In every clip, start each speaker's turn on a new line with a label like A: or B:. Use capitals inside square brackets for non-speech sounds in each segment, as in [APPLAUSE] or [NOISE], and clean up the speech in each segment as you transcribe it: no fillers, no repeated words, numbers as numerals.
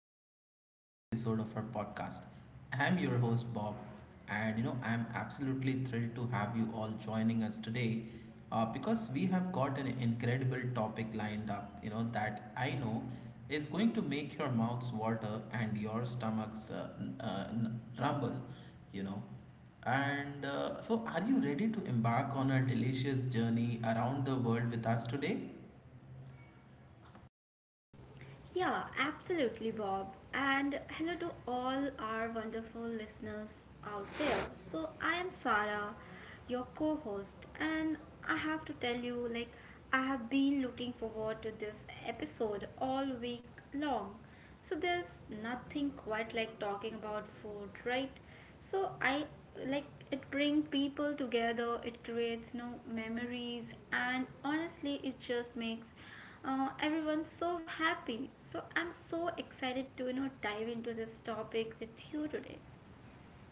A: another exciting episode of our podcast. I'm your host Bob, and I'm absolutely thrilled to have you all joining us today because we have got an incredible topic lined up, that I know is going to make your mouths water and your stomachs rumble, you know. And so, are you ready to embark on a delicious journey around the world with us today?
B: Yeah, absolutely, Bob. And hello to all our wonderful listeners out there. So, I am Sarah, your co host, and I have to tell you, like, I have been looking forward to this episode all week long. So, there's nothing quite like talking about food, right? So, I like it bring people together, it creates no memories, and honestly, it just makes everyone's so happy. So I'm so excited to dive into this topic with you today.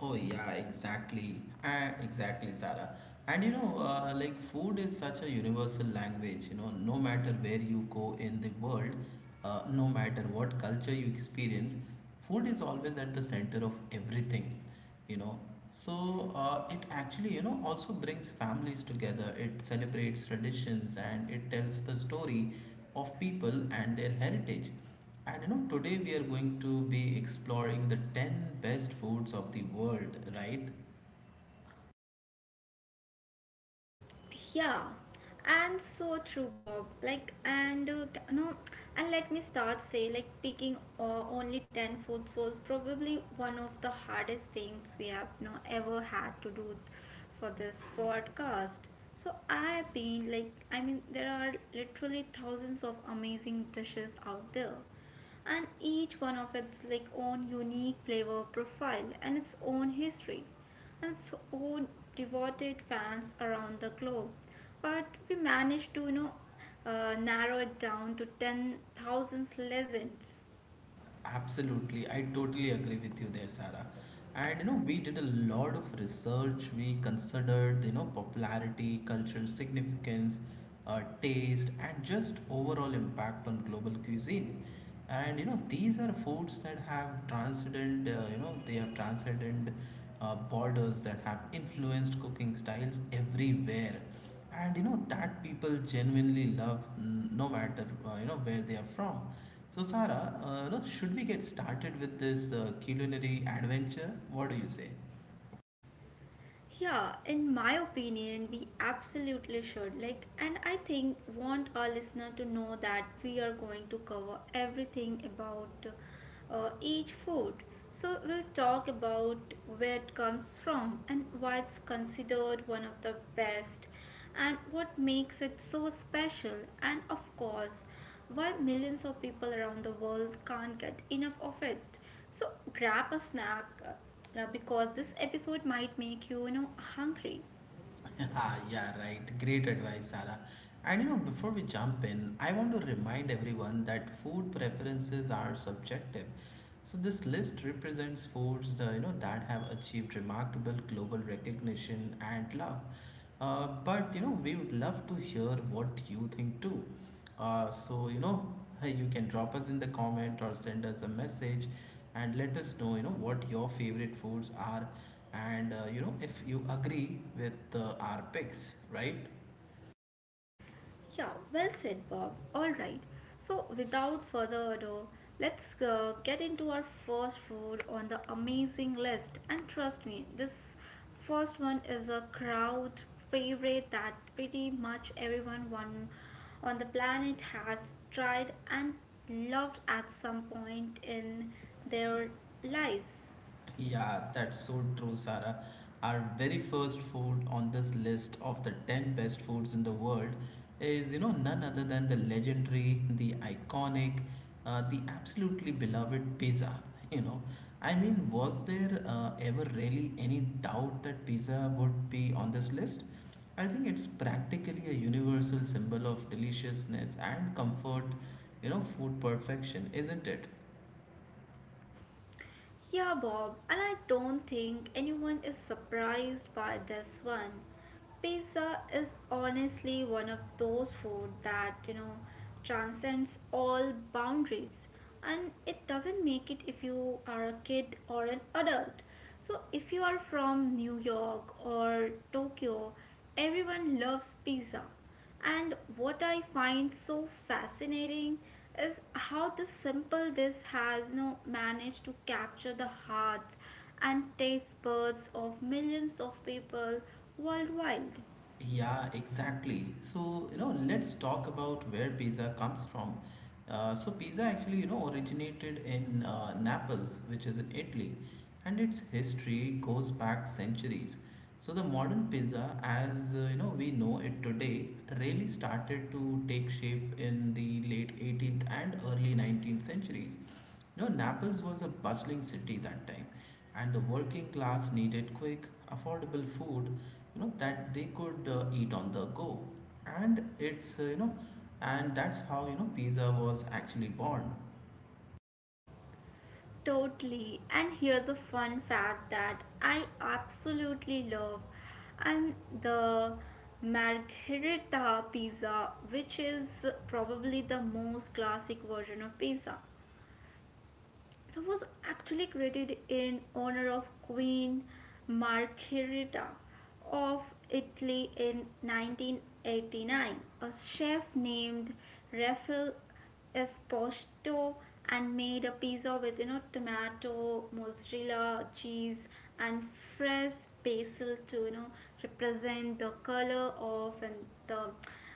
A: Oh yeah, exactly, Sarah. And like food is such a universal language. You know, no matter where you go in the world, no matter what culture you experience, food is always at the center of everything. You know, so it actually also brings families together. It celebrates traditions and it tells the story of people and their heritage. And today we are going to be exploring the 10 best foods of the world, right?
B: Yeah, and so true, Bob. Like, and no, and let me start say, like, picking only 10 foods was probably one of the hardest things we have no ever had to do for this podcast. So, I've been like, I mean, there are literally thousands of amazing dishes out there, and each one of its like own unique flavor profile and its own history and so devoted fans around the globe. But we managed to, narrow it down to 10,000 legends.
A: Absolutely. I totally agree with you there, Sarah. And we did a lot of research. We considered, popularity, cultural significance, taste, and just overall impact on global cuisine. And you know, these are foods that have transcended, you know, they have transcended borders that have influenced cooking styles everywhere, and that people genuinely love, no matter where they are from. So Sarah, should we get started with this culinary adventure? What do you say?
B: Yeah, in my opinion, we absolutely should. Like, and I think want our listener to know that we are going to cover everything about each food. So we'll talk about where it comes from and why it's considered one of the best, and what makes it so special, and of course, why millions of people around the world can't get enough of it. So grab a snack because this episode might make you hungry.
A: [LAUGHS] Ah, yeah, right, great advice, Sarah. And before we jump in, I want to remind everyone that food preferences are subjective, so this list represents foods that have achieved remarkable global recognition and love. But we would love to hear what you think too. Uh, so you know, Hey, you can drop us in the comment or send us a message, and let us know what your favorite foods are, and if you agree with our picks, right?
B: Yeah, well said, Bob. All right. So without further ado, let's get into our first food on the amazing list. And trust me, this first one is a crowd favorite that pretty much everyone one on the planet has tried and loved at some point in their lives.
A: Yeah, that's so true, Sarah. Our very first food on this list of the 10 best foods in the world is, none other than the legendary, the iconic, the absolutely beloved pizza. [LAUGHS] You know, I mean, was there ever really any doubt that pizza would be on this list? I think it's practically a universal symbol of deliciousness and comfort, food perfection, isn't it?
B: Yeah, Bob, and I don't think anyone is surprised by this one. Pizza is honestly one of those food that, you know, transcends all boundaries, and it doesn't make it if you are a kid or an adult. So, if you are from New York or Tokyo, everyone loves pizza. And what I find so fascinating is how this simple dish has, you know, managed to capture the hearts and taste buds of millions of people worldwide.
A: Yeah, exactly. So, let's talk about where pizza comes from. So, pizza actually, originated in Naples, which is in Italy, and its history goes back centuries. So, the modern pizza, as we know it today, really started to take shape in the late 18th and early 19th centuries. No, Naples was a bustling city that time, and the working class needed quick, affordable food, that they could eat on the go. And it's, uh, you know, and that's how, pizza was actually born.
B: Totally. And here's a fun fact that I absolutely love, and the margherita pizza, which is probably the most classic version of pizza, so was actually created in honor of Queen Margherita of Italy in 1989. A chef named Raphael Esposito and made a pizza with, you know, tomato, mozzarella, cheese, and fresh basil to, you know, represent the color of and the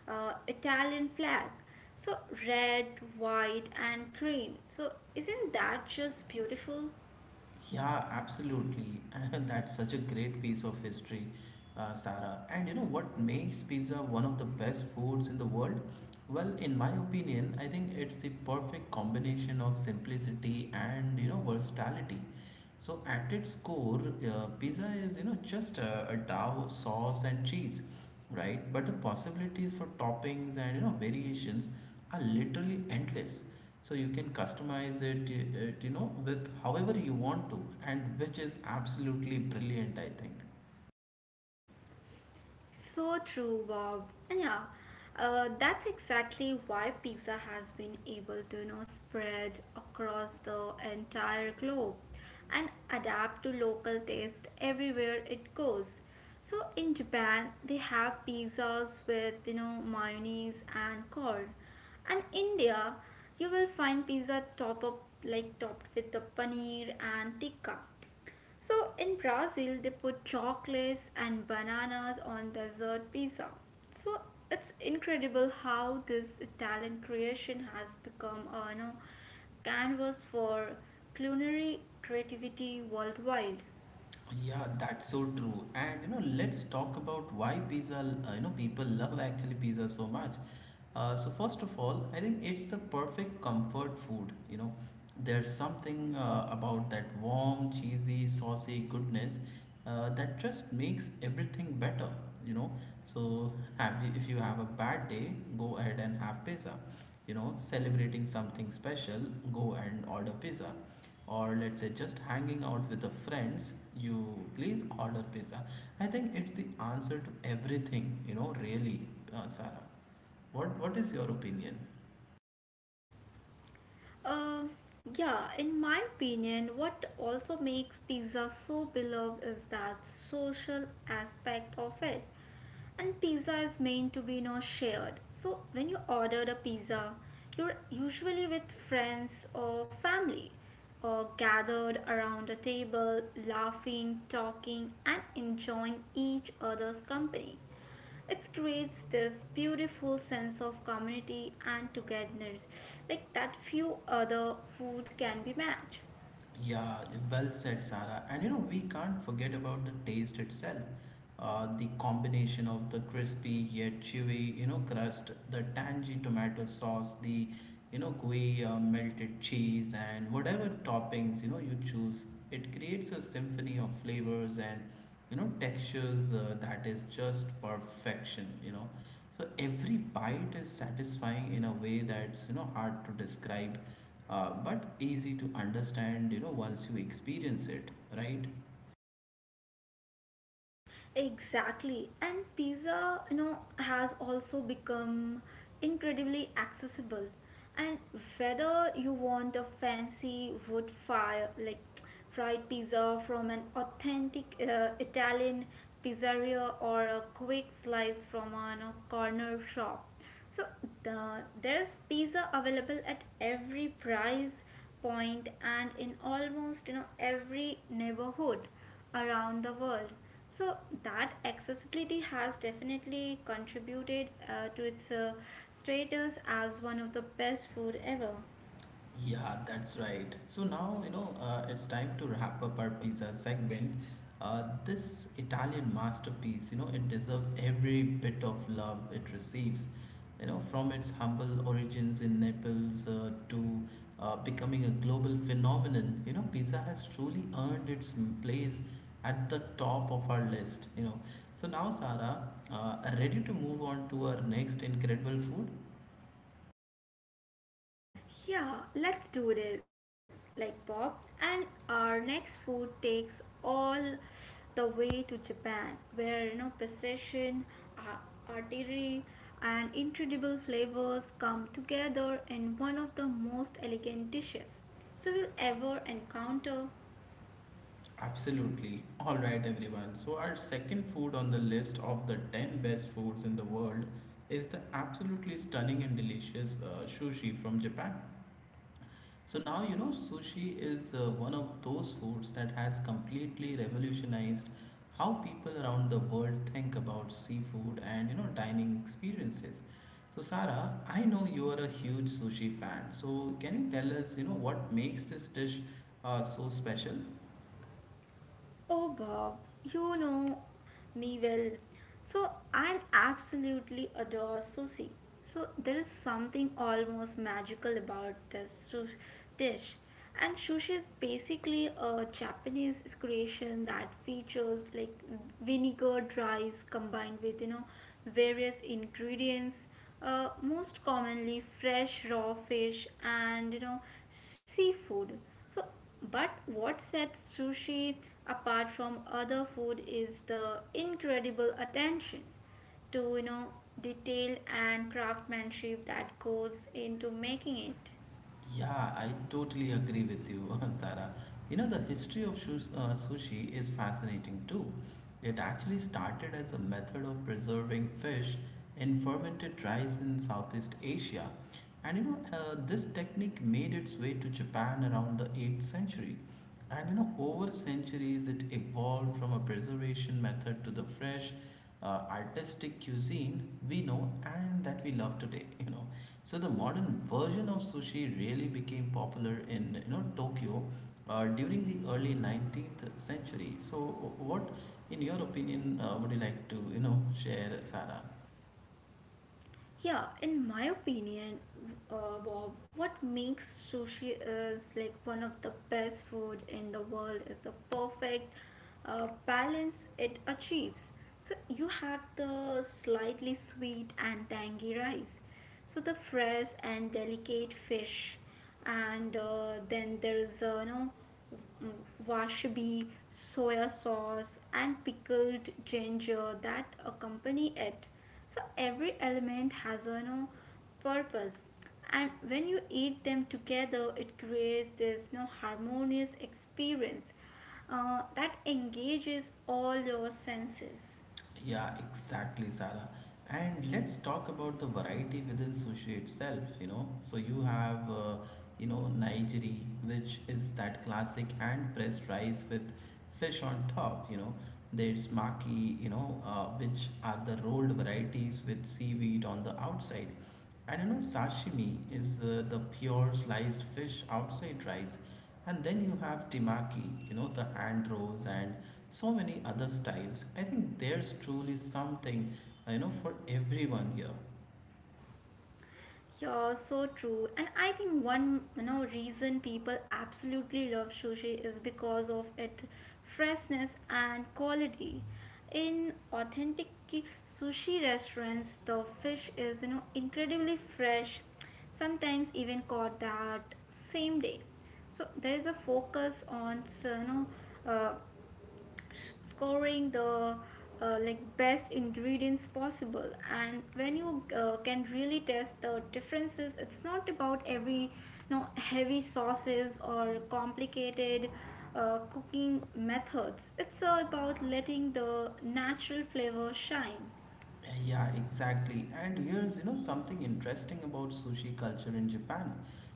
B: uh, Italian flag. So red, white, and green. So isn't that just beautiful?
A: Yeah, absolutely. [LAUGHS] That's such a great piece of history, Sarah. And what makes pizza one of the best foods in the world? Well, in my opinion, I think it's the perfect combination of simplicity and versatility. So at its core, pizza is just a dough, sauce, and cheese, right? But the possibilities for toppings and variations are literally endless. So you can customize it, with however you want to, and which is absolutely brilliant, I think.
B: So true, Bob. And yeah, that's exactly why pizza has been able to, you know, spread across the entire globe and adapt to local taste everywhere it goes. So in Japan, they have pizzas with, you know, mayonnaise and corn. And India, you will find pizza top up like topped with the paneer and tikka. So in Brazil, they put chocolates and bananas on dessert pizza. So it's incredible how this Italian creation has become a, you know, canvas for culinary creativity worldwide.
A: Yeah, that's so true. And let's talk about why pizza, people love actually pizza so much. So first of all, I think it's the perfect comfort food. You know, there's something about that warm, cheesy, saucy goodness that just makes everything better. You know, so have you, if you have a bad day, go ahead and have pizza. You know, celebrating something special, go and order pizza, or let's say just hanging out with the friends, you, please order pizza. I think it's the answer to everything, really. Sarah, what is your opinion?
B: Uh, yeah, in my opinion, what also makes pizza so beloved is that social aspect of it. And pizza is meant to be, you know, shared. So when you order the pizza, you're usually with friends or family or gathered around a table, laughing, talking, and enjoying each other's company. It creates this beautiful sense of community and togetherness like that few other food can be matched.
A: Yeah, well said, Zara. And we can't forget about the taste itself. The combination of the crispy yet chewy, crust, the tangy tomato sauce, the, gooey melted cheese, and whatever toppings, you choose, it creates a symphony of flavors and, textures that is just perfection, So every bite is satisfying in a way that's hard to describe, but easy to understand. You know once you experience it, right?
B: Exactly, and pizza, you know, has also become incredibly accessible, and whether you want a fancy wood fire like fried pizza from an authentic italian pizzeria or a quick slice from a, you know, corner shop. So there's pizza available at every price point and in almost, you know, every neighborhood around the world. So that accessibility has definitely contributed to its status as one of the best food ever.
A: Yeah, that's right. So now, it's time to wrap up our pizza segment. This Italian masterpiece, it deserves every bit of love it receives. From its humble origins in Naples to becoming a global phenomenon, pizza has truly earned its place at the top of our list. So now, Sarah, ready to move on to our next incredible food?
B: Yeah, let's do this, like Bob. And our next food takes all the way to Japan, where, you know, precision, ar- artery, and incredible flavors come together in one of the most elegant dishes so we'll ever encounter.
A: Absolutely. All right, everyone. So, our second food on the list of the 10 best foods in the world is the absolutely stunning and delicious sushi from Japan. So, now sushi is one of those foods that has completely revolutionized how people around the world think about seafood and dining experiences. So, Sarah, I know you are a huge sushi fan. So, can you tell us, what makes this dish so special?
B: Oh, Bob, you know me well. So I absolutely adore sushi. So there is something almost magical about this dish. And sushi is basically a Japanese creation that features like vinegar rice combined with, you know, various ingredients, most commonly fresh raw fish and, you know, seafood. But what sets sushi apart from other food is the incredible attention to, you know, detail and craftsmanship that goes into making it.
A: Yeah, I totally agree with you, [LAUGHS] Sarah. You know, the history of sushi is fascinating too. It actually started as a method of preserving fish in fermented rice in Southeast Asia. And this technique made its way to Japan around the 8th century. And over centuries, it evolved from a preservation method to the fresh, uh, artistic cuisine we know and that we love today, [LAUGHS] . So the modern version of sushi really became popular in Tokyo during the early 19th century. So what, in your opinion, would you like to share, Sarah?
B: Yeah, in my opinion, Bob, what makes sushi is like one of the best food in the world is the perfect balance it achieves. So you have the slightly sweet and tangy rice, so the fresh and delicate fish, and then there is wasabi, washabi, soya sauce, and pickled ginger that accompany it. So every element has a no purpose, and when you eat them together, it creates this no harmonious experience that engages all your senses.
A: Yeah, exactly, Sara. And let's talk about the variety within sushi itself, So you have, Nigiri, which is that classic hand-pressed rice with fish on top, There's maki, which are the rolled varieties with seaweed on the outside. And sashimi is the pure sliced fish outside rice. And then you have temaki, the hand rolls and so many other styles. I think there's truly something, for everyone here.
B: Yeah, so true. And I think one, you know, reason people absolutely love sushi is because of its freshness and quality. In authentic sushi restaurants, the fish is, you know, incredibly fresh, sometimes even caught that same day. So there is a focus on uh, scoring the like best ingredients possible, and when you can really test the differences. It's not about every, you know, heavy sauces or complicated cooking methods. It's about letting the natural flavor shine.
A: Yeah, exactly. And here's, something interesting about sushi culture in Japan.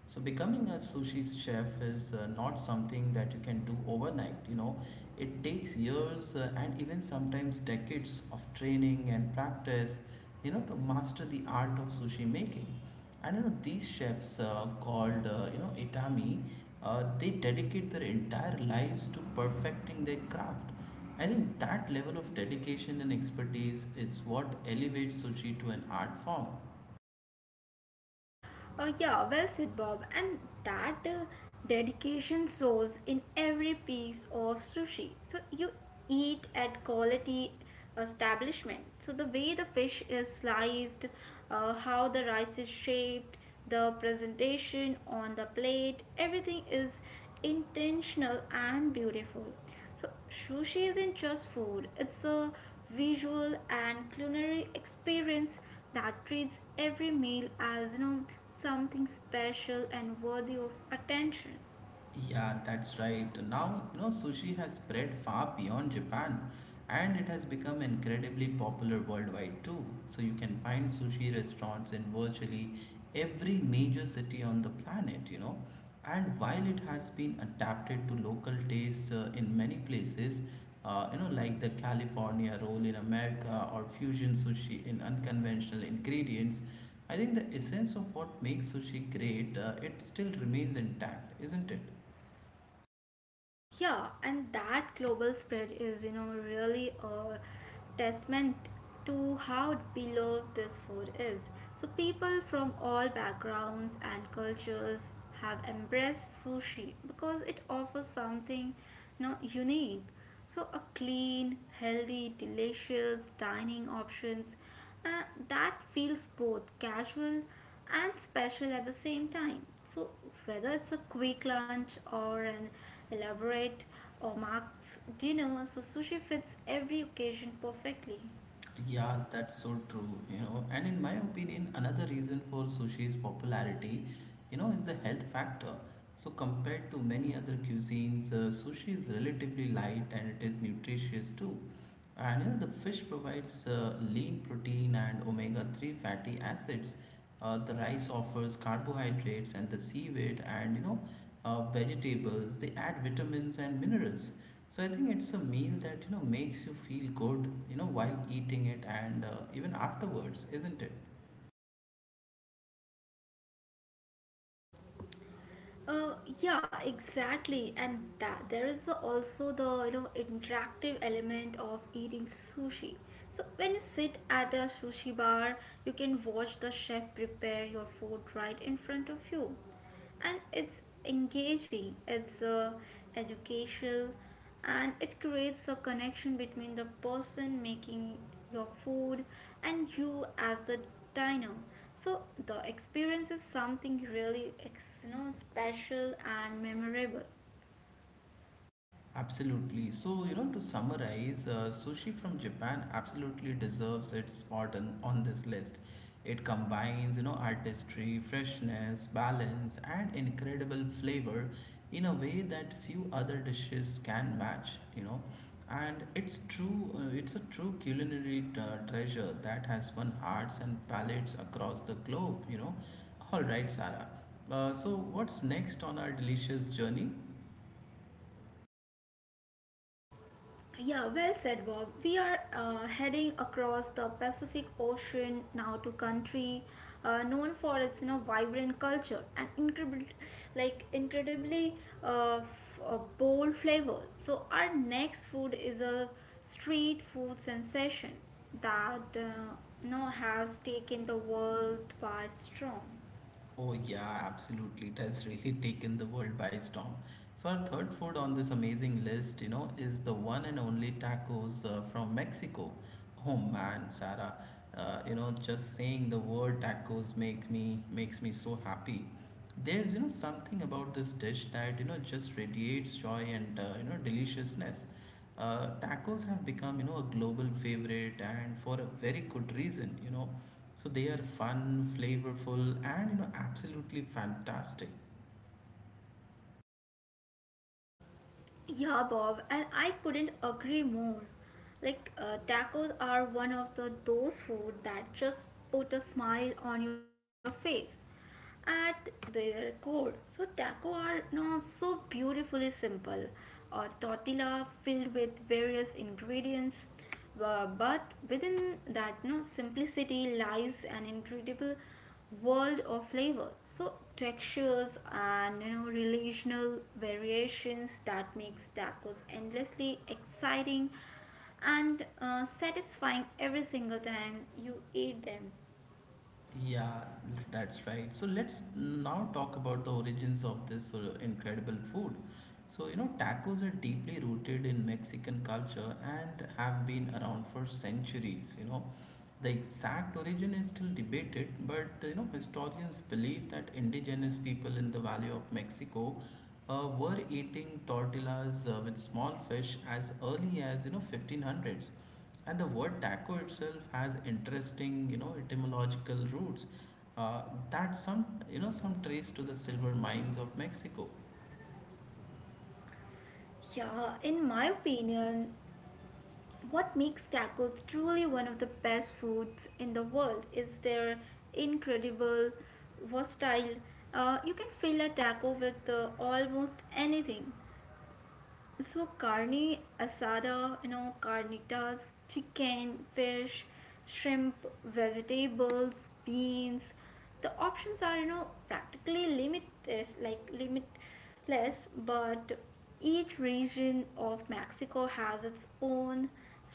A: So becoming a sushi chef is not something that you can do overnight, It takes years and even sometimes decades of training and practice, to master the art of sushi making. And these chefs called, itami, they dedicate their entire lives to perfecting their craft. I think that level of dedication and expertise is what elevates sushi to an art form.
B: Oh, yeah, well said, Bob. And that dedication shows in every piece of sushi. So you eat at quality establishment. So the way the fish is sliced, how the rice is shaped, the presentation on the plate, everything is intentional and beautiful. So sushi isn't just food, it's a visual and culinary experience that treats every meal as, you know, something special and worthy of attention.
A: Yeah, that's right. Now, sushi has spread far beyond Japan, and it has become incredibly popular worldwide too. So you can find sushi restaurants in virtually every major city on the planet, And while it has been adapted to local tastes in many places, like the California roll in America or fusion sushi in unconventional ingredients, I think the essence of what makes sushi great, it still remains intact, isn't it?
B: Yeah, and that global spread is, you know, really a testament to how beloved this food is. So people from all backgrounds and cultures have embraced sushi because it offers something, you know, unique. So a clean, healthy, delicious dining options uh, that feels both casual and special at the same time. So whether it's a quick lunch or an elaborate, or Mark's dinner, so sushi fits every occasion perfectly.
A: Yeah, that's so true, And in my opinion, another reason for sushi's popularity, is the health factor. So compared to many other cuisines, sushi is relatively light and it is nutritious too. And the fish provides lean protein and omega 3 fatty acids. The rice offers carbohydrates and the seaweed and vegetables. They add vitamins and minerals. So I think it's a meal that makes you feel good, while eating it and even afterwards, isn't it?
B: Uh, yeah, exactly, and that there is also the, you know, interactive element of eating sushi. So when you sit at a sushi bar, you can watch the chef prepare your food right in front of you, and it's engaging. It's educational, and it creates a connection between the person making your food and you as the diner. So the experience is something really special and memorable.
A: Absolutely. So, to summarize, sushi from Japan absolutely deserves its spot on this list. It combines, artistry, freshness, balance, and incredible flavor in a way that few other dishes can match, And it's true, it's a true culinary treasure that has won hearts and palates across the globe, All right, Sarah. So, what's next on our delicious journey?
B: Yeah, well said, Bob. We are heading across the Pacific Ocean now to country known for its, you know, vibrant culture and incredible, like incredibly bold flavors. So our next food is a street food sensation that has taken the world by storm.
A: Oh, yeah, absolutely. It has really [LAUGHS] taken the world by storm. So, our third food on this amazing list, you know, is the one and only tacos from Mexico. Oh man, Sarah, you know, just saying the word tacos make me makes me so happy. There's, you know, something about this dish that, you know, just radiates joy and, you know, deliciousness. Tacos have become, you know, a global favorite and for a very good reason, you know, so they are fun, flavorful, and you know absolutely fantastic.
B: Yeah, Bob, and I couldn't agree more. Like, tacos are one of the those food that just put a smile on your face at their core. So taco are not so beautifully simple, a tortilla filled with various ingredients, but within that no simplicity lies an incredible world of flavor. So textures and, you know, relational variations that makes tacos endlessly exciting and satisfying every single time you eat them.
A: Yeah, that's right. So let's now talk about the origins of this incredible food. So you know tacos are deeply rooted in Mexican culture and have been around for centuries. You know, the exact origin is still debated, but you know historians believe that indigenous people in the Valley of Mexico were eating tortillas with small fish as early as you know 1500s, and the word taco itself has interesting you know etymological roots uh, that some you know some trace to the silver mines of Mexico.
B: Yeah, in my opinion, what makes tacos truly one of the best foods in the world is their incredible versatile. You can fill a taco with almost anything. So carne asada, you know, carnitas, chicken, fish, shrimp, vegetables, beans. The options are, you know, practically limitless, but each region of Mexico has its own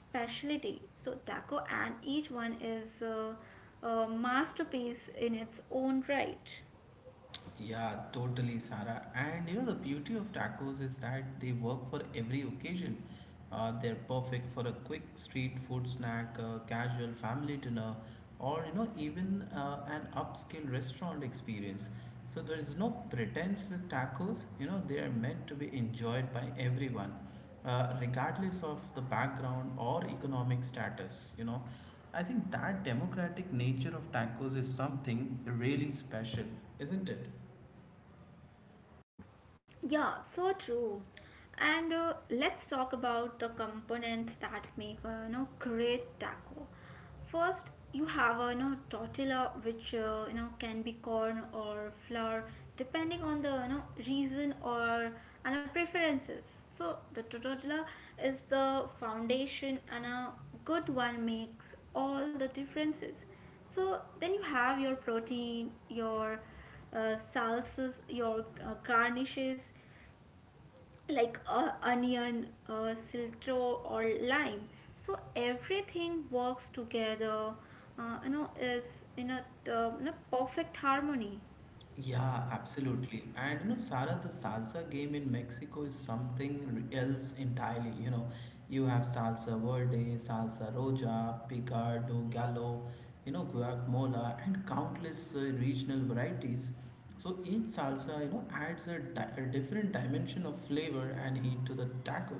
B: specialty. So taco and each one is a masterpiece in its own right.
A: Yeah, totally, Sarah. And you know, the beauty of tacos is that they work for every occasion. They're perfect for a quick street food snack, casual family dinner, or you know, even an upscale restaurant experience. So there is no pretense with tacos. You know, they are meant to be enjoyed by everyone, regardless of the background or economic status. You know, I think that democratic nature of tacos is something really special, isn't it?
B: Yeah, so true. And let's talk about the components that make a, you know, great taco. First, you have a, you know, tortilla, which, can be corn or flour, depending on the, you know, reason or and the preferences. So the tortilla is the foundation, and a good one makes all the differences. So then you have your protein, your salsas, your garnishes like onion, cilantro, or lime. So everything works together. You know, is in a In a perfect harmony.
A: Yeah, absolutely. And you know, Sarah, the salsa game in Mexico is something else entirely. You know, you have salsa verde, salsa roja, picardo, gallo, you know, guacamole, and countless regional varieties. So each salsa, you know, adds a different dimension of flavor and heat to the taco.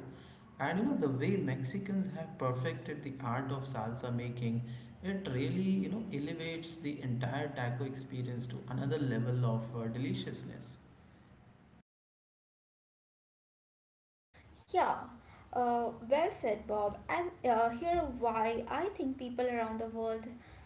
A: And you know the way Mexicans have perfected the art of salsa making, it really you know elevates the entire taco experience to another level of deliciousness.
B: Yeah, well said, Bob. And here why I think people around the world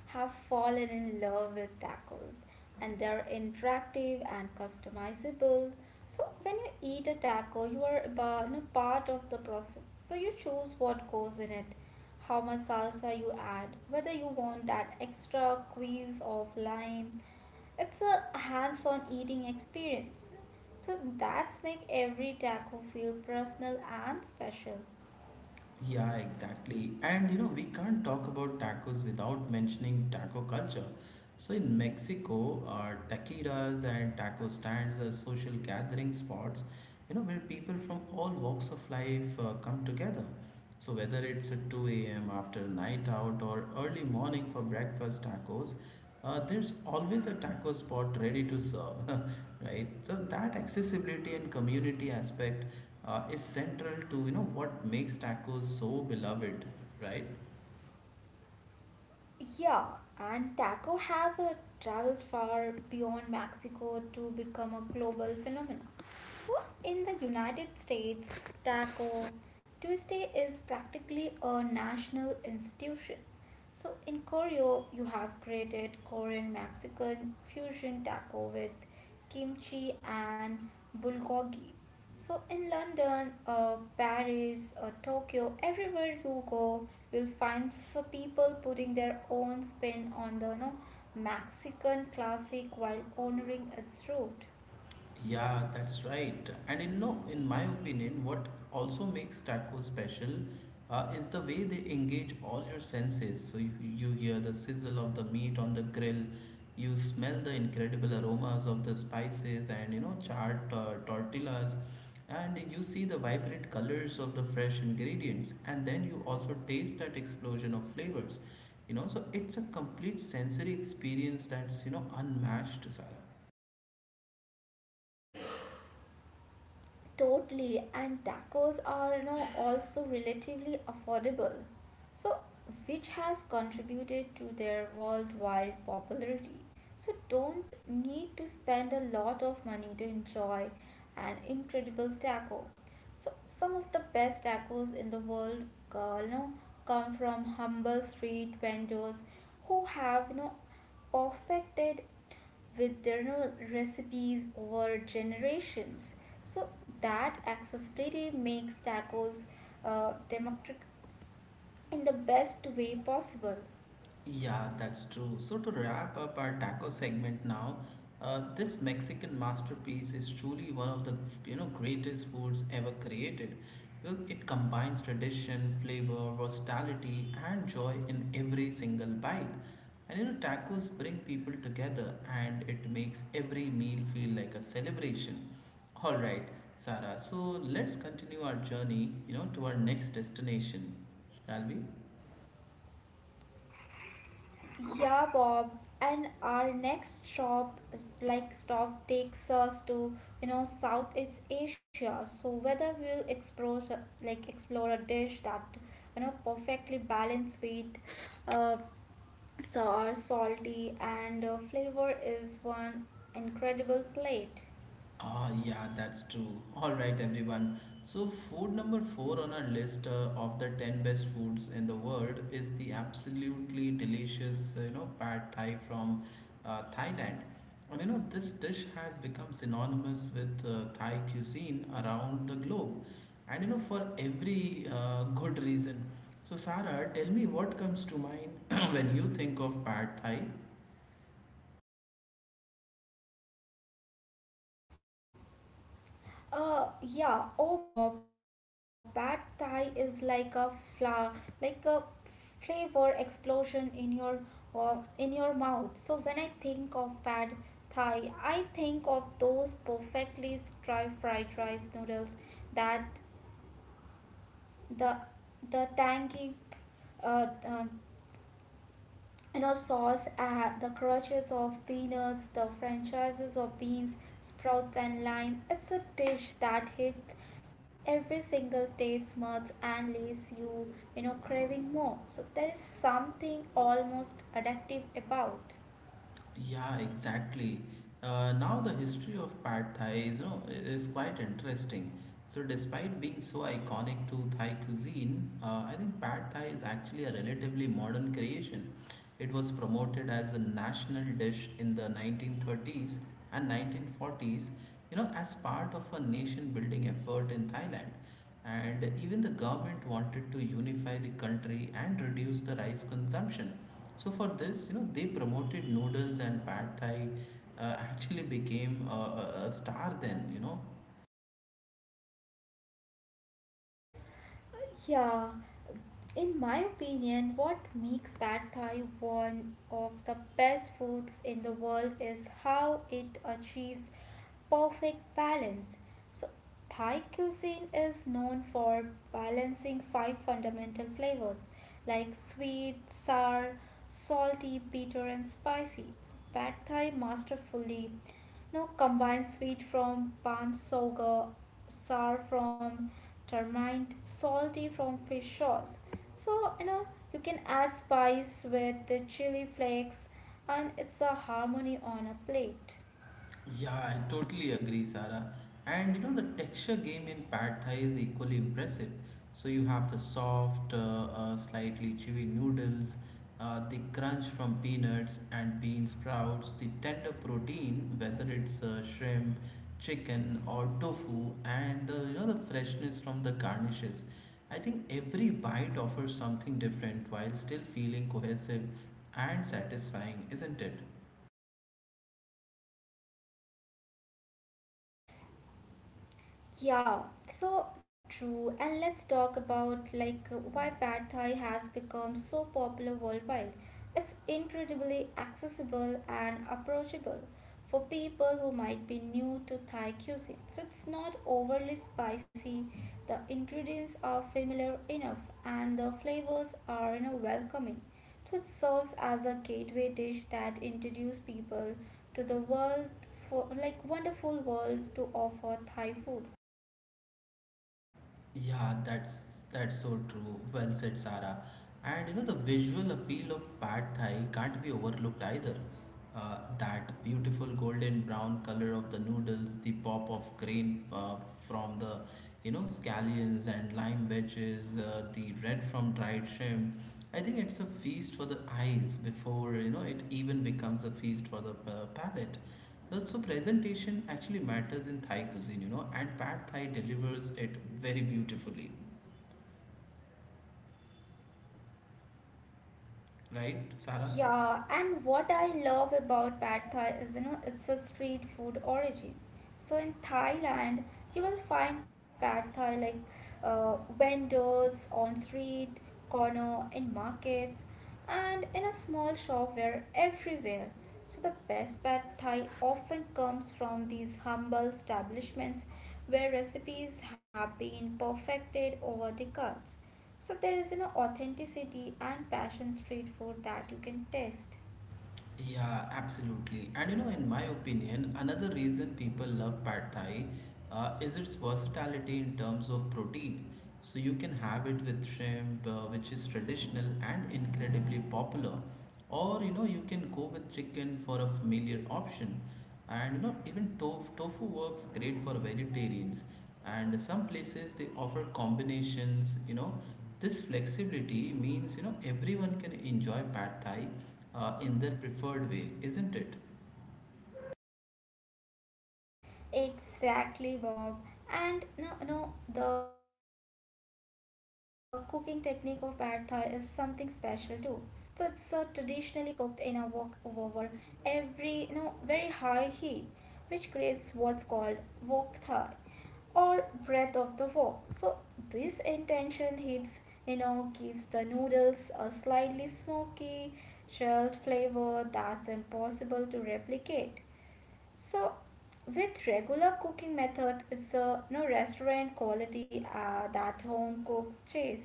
B: have fallen in love with tacos, and they're interactive and customizable. So when you eat a taco, you are about, you know, part of the process. So you choose what goes in it, how much salsa you add, whether you want that extra squeeze of lime. It's a hands-on eating experience. So that's make every taco feel personal and special.
A: Yeah, exactly. And you know we can't talk about tacos without mentioning taco culture. So in Mexico, taqueras and taco stands are social gathering spots, you know where people from all walks of life come together. So whether it's at 2 a.m. after a night out or early morning for breakfast tacos, there's always a taco spot ready to serve, [LAUGHS] right? So that accessibility and community aspect is central to you know what makes tacos so beloved, right?
B: Yeah, and taco have traveled far beyond Mexico to become a global phenomenon. So in the United States, Taco Tuesday is practically a national institution. So in Korea, you have created Korean Mexican fusion taco with kimchi and bulgogi. So in London, Paris, or Tokyo, everywhere you go, you'll find some people putting their own spin on the Mexican classic while honoring its root.
A: Yeah, that's right. And in no, in my opinion, what also makes tacos special is the way they engage all your senses. So you hear the sizzle of the meat on the grill, you smell the incredible aromas of the spices and you know charred tortillas, and you see the vibrant colors of the fresh ingredients, and then you also taste that explosion of flavors. You know, so it's a complete sensory experience that's you know unmatched, Sarah.
B: Totally, and tacos are also relatively affordable, so which has contributed to their worldwide popularity. So don't need to spend a lot of money to enjoy an incredible taco. So some of the best tacos in the world, uh, you know, come from humble street vendors who have perfected with their recipes over generations. So that accessibility makes tacos democratic in the best way possible.
A: Yeah, that's true. So, to wrap up our taco segment now, this Mexican masterpiece is truly one of the you know greatest foods ever created. Well, it combines tradition, flavor, versatility, and joy in every single bite. And you know, tacos bring people together, and it makes every meal feel like a celebration. All right, Sarah. So let's continue our journey, you know, to our next destination, shall we?
B: Yeah, Bob. And our next shop, like stop, takes us to you know Southeast Asia. So whether we'll explore a dish that you know perfectly balanced with uh, sour, salty, and flavor is one incredible plate.
A: Ah, yeah, that's true. All right, everyone. So, food number four on our list of the 10 best foods in the world is the absolutely delicious, you know, pad thai from Thailand. And you know, this dish has become synonymous with Thai cuisine around the globe, and you know, for every good reason. So, Sarah, tell me what comes to mind [CLEARS THROAT] when you think of pad thai.
B: Yeah. Oh, Bob, bad Thai is like a flower, like a flavor explosion in your mouth. So when I think of bad Thai, I think of those perfectly stir fried rice noodles that the the tangy uh, um you know sauce, the crushes of peanuts, the franchises of beans sprouts and lime. It's a dish that hits every single taste buds and leaves you you know craving more. So there is something almost addictive about.
A: Yeah, exactly. Now the history of pad thai is quite interesting. So despite being so iconic to Thai cuisine, I think pad thai is actually a relatively modern creation. It was promoted as a national dish in the 1930s and 1940s, you know, as part of a nation building effort in Thailand. And even the government wanted to unify the country and reduce the rice consumption. So for this, you know, they promoted noodles and pad thai actually became a star then, you know.
B: Yeah. In my opinion, what makes pad thai one of the best foods in the world is how it achieves perfect balance. So, Thai cuisine is known for balancing five fundamental flavors like sweet, sour, salty, bitter, and spicy. So, pad thai masterfully no combines sweet from palm sugar, sour from tamarind, salty from fish sauce, so you know you can add spice with the chili flakes, and it's a harmony on a plate.
A: Yeah, I totally agree, Sarah. And you know, the texture game in pad thai is equally impressive. So you have the soft, slightly chewy noodles, the crunch from peanuts and bean sprouts, the tender protein, whether it's shrimp, chicken, or tofu, and the you know the freshness from the garnishes. I think every bite offers something different while still feeling cohesive and satisfying, isn't it?
B: Yeah, so true. And let's talk about like why pad thai has become so popular worldwide. It's incredibly accessible and approachable for people who might be new to Thai cuisine. So it's not overly spicy. The ingredients are familiar enough and the flavors are you know, welcoming. So it serves as a gateway dish that introduces people to the world for like wonderful world to offer Thai food.
A: Yeah, that's so true. Well said, Sarah. And you know the visual appeal of pad thai can't be overlooked either. That beautiful golden brown color of the noodles, the pop of green from the you know scallions and lime wedges, the red from dried shrimp. I think it's a feast for the eyes before you know it even becomes a feast for the palate. Well, so presentation actually matters in Thai cuisine, you know, and Pad Thai delivers it very beautifully, right, Sarah?
B: Yeah, and what I love about pad thai is, you know, it's a street food origin. So in Thailand, you will find pad thai like vendors on street, corner, in markets, and in a small shop where everywhere. So the best pad thai often comes from these humble establishments where recipes have been perfected over the decades. So there is you know authenticity and passion street food that you can taste.
A: Yeah, absolutely. And you know, in my opinion, another reason people love pad thai is its versatility in terms of protein. So you can have it with shrimp, which is traditional and incredibly popular, or you know, you can go with chicken for a familiar option. And you know, even tofu works great for vegetarians. And some places they offer combinations. You know, this flexibility means you know everyone can enjoy pad thai in their preferred way, isn't it?
B: Exactly, Bob. And no, no, the cooking technique of pad thai is something special too. So it's traditionally cooked in a wok over every, you know, very high heat, which creates what's called wok thai or breath of the wok. So this intention heats, you know, gives the noodles a slightly smoky, shelled flavor that's impossible to replicate. So, with regular cooking methods, it's a you know, restaurant quality that home cooks chase.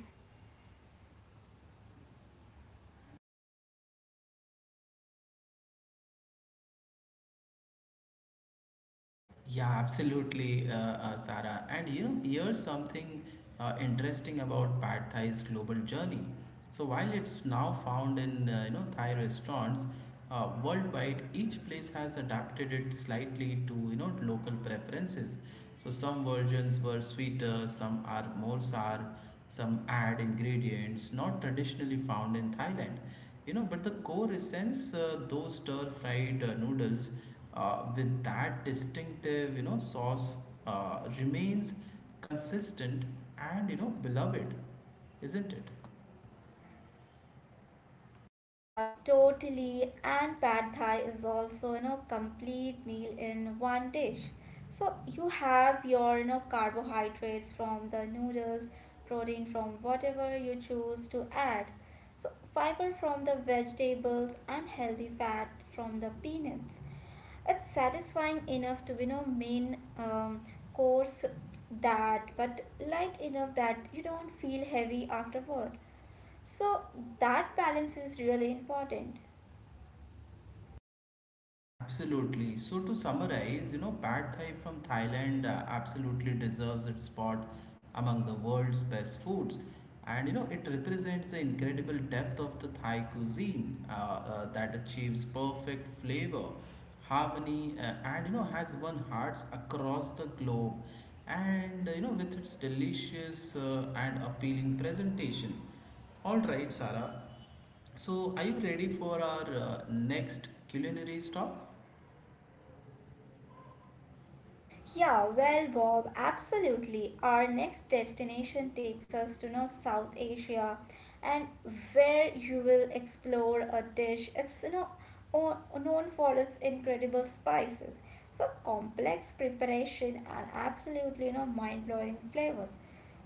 A: Yeah, absolutely, Sarah. And you know, here's something interesting about pad thai's global journey. So while it's now found in you know Thai restaurants worldwide, each place has adapted it slightly to you know local preferences. So some versions were sweeter, some are more sour, some add ingredients not traditionally found in Thailand. You know, but the core essence, those stir-fried noodles with that distinctive you know sauce remains consistent and you know beloved, isn't it?
B: Yeah, totally. And pad thai is also, you know, complete meal in one dish. So you have your, you know, carbohydrates from the noodles, protein from whatever you choose to add. So fiber from the vegetables and healthy fat from the peanuts. It's satisfying enough to, you know, main course that, but light enough that you don't feel heavy afterward. So that balance is really important.
A: Absolutely. So to summarize, you know, pad thai from Thailand absolutely deserves its spot among the world's best foods, and you know, it represents the incredible depth of the Thai cuisine that achieves perfect flavor, harmony, and you know, has won hearts across the globe. And you know, with its delicious and appealing presentation. All right, Sarah. So, are you ready for our next culinary stop?
B: Yeah, well, Bob, absolutely. Our next destination takes us to know South Asia, and where you will explore a dish. It's you know o- known for its incredible spices, so complex preparation and absolutely you know mind-blowing flavors.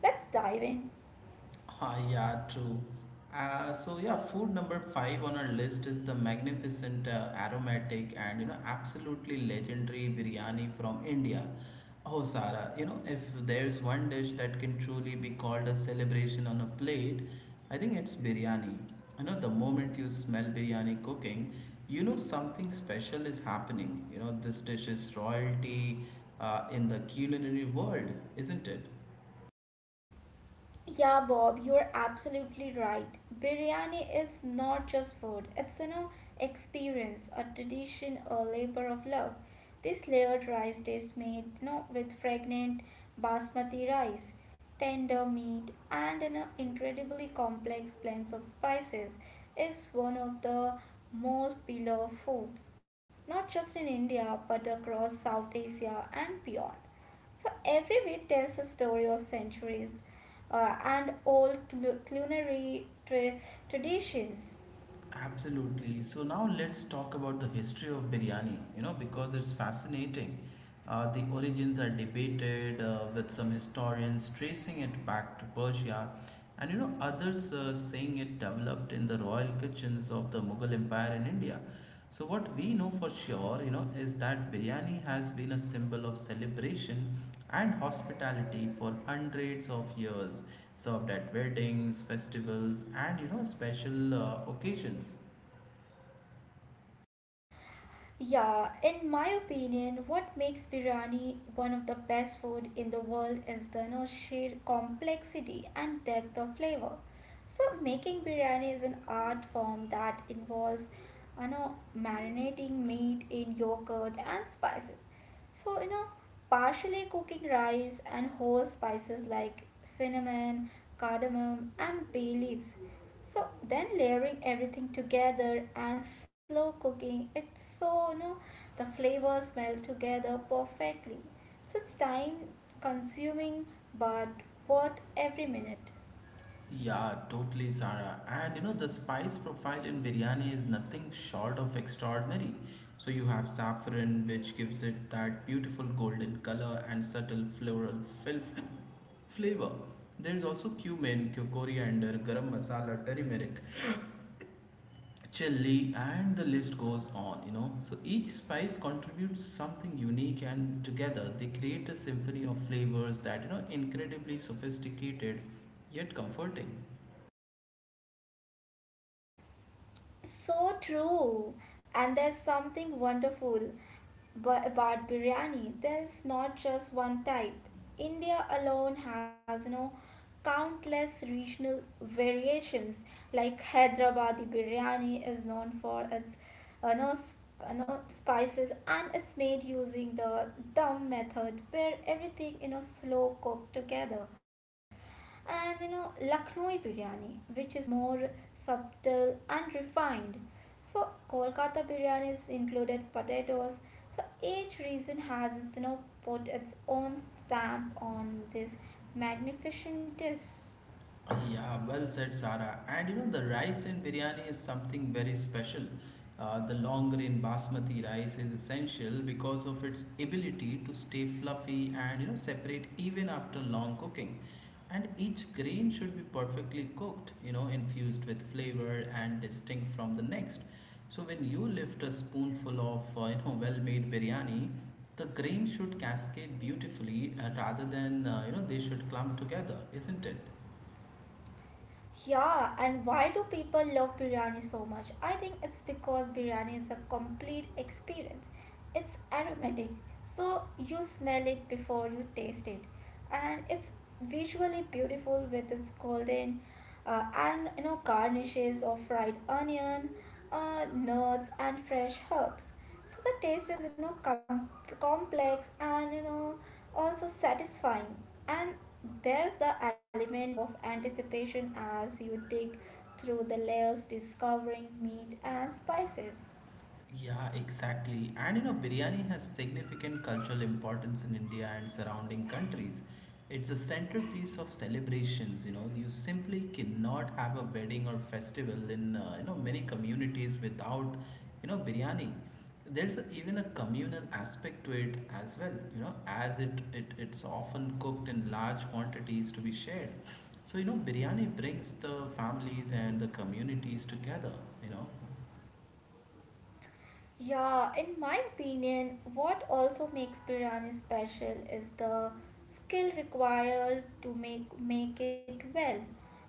B: Let's dive in.
A: Ah, yeah, true. So yeah, food number five on our list is the magnificent, aromatic, and you know absolutely legendary biryani from India. Oh, Sara, you know if there's one dish that can truly be called a celebration on a plate, I think it's biryani. You know the moment you smell biryani cooking, you know something special is happening. You know this dish is royalty, in the culinary world, isn't it?
B: Yeah, Bob, you're absolutely right. Biryani is not just food, it's an experience, a tradition, a labor of love. This layered rice dish made you know, with fragrant basmati rice, tender meat, and an incredibly complex blend of spices is one of the most beloved foods, not just in India but across South Asia and beyond. So every bit tells a story of centuries and old culinary traditions.
A: Absolutely. So now let's talk about the history of biryani, you know, because it's fascinating. The origins are debated with some historians tracing it back to Persia and you know others saying it developed in the royal kitchens of the Mughal Empire in India. So what we know for sure, you know, is that biryani has been a symbol of celebration and hospitality for hundreds of years, served at weddings, festivals, and you know, special occasions.
B: Yeah, in my opinion, what makes biryani one of the best food in the world is the you know, sheer complexity and depth of flavor. So making biryani is an art form that involves you know marinating meat in yogurt and spices. So you know partially cooking rice and whole spices like cinnamon, cardamom and bay leaves, so then layering everything together and slow cooking. It's so you know the flavors melt together perfectly. So it's time consuming but worth every minute.
A: Yeah, totally, Sarah. And you know, the spice profile in biryani is nothing short of extraordinary. So you have saffron, which gives it that beautiful golden color and subtle floral fil- flavor. There is also cumin, coriander, garam masala, turmeric, chili, and the list goes on, you know. So each spice contributes something unique, and together they create a symphony of flavors that, you know, incredibly sophisticated yet comforting.
B: So true. And there's something wonderful about biryani. There's not just one type. India alone has, you know, countless regional variations. Like Hyderabadi biryani is known for its, you know, sp- you know, spices, and it's made using the dum method where everything, you know, slow cooked together, and you know Lucknowi biryani, which is more subtle and refined. So Kolkata biryanis included potatoes. So each region has its, you know, put its own stamp on this magnificent dish.
A: Yeah, well said, Sara. And you know, the rice in biryani is something very special. The long grain basmati rice is essential because of its ability to stay fluffy and you know separate even after long cooking. And each grain should be perfectly cooked, you know, infused with flavor and distinct from the next. So when you lift a spoonful of you know well-made biryani, the grain should cascade beautifully rather than you know they should clump together, isn't it?
B: Yeah, and why do people love biryani so much? I think it's because biryani is a complete experience. It's aromatic, so you smell it before you taste it, and it's visually beautiful with its golden and you know garnishes of fried onion, nuts, and fresh herbs. So the taste is you know complex and you know also satisfying, and there's the element of anticipation as you dig through the layers discovering meat and spices.
A: Yeah, exactly. And you know, biryani has significant cultural importance in India and surrounding countries. It's a centerpiece of celebrations. You know, you simply cannot have a wedding or festival in you know many communities without you know biryani. There's even a communal aspect to it as well. You know, as it's often cooked in large quantities to be shared. So you know, biryani brings the families and the communities together. You know.
B: Yeah, in my opinion, what also makes biryani special is the skill required to make it well,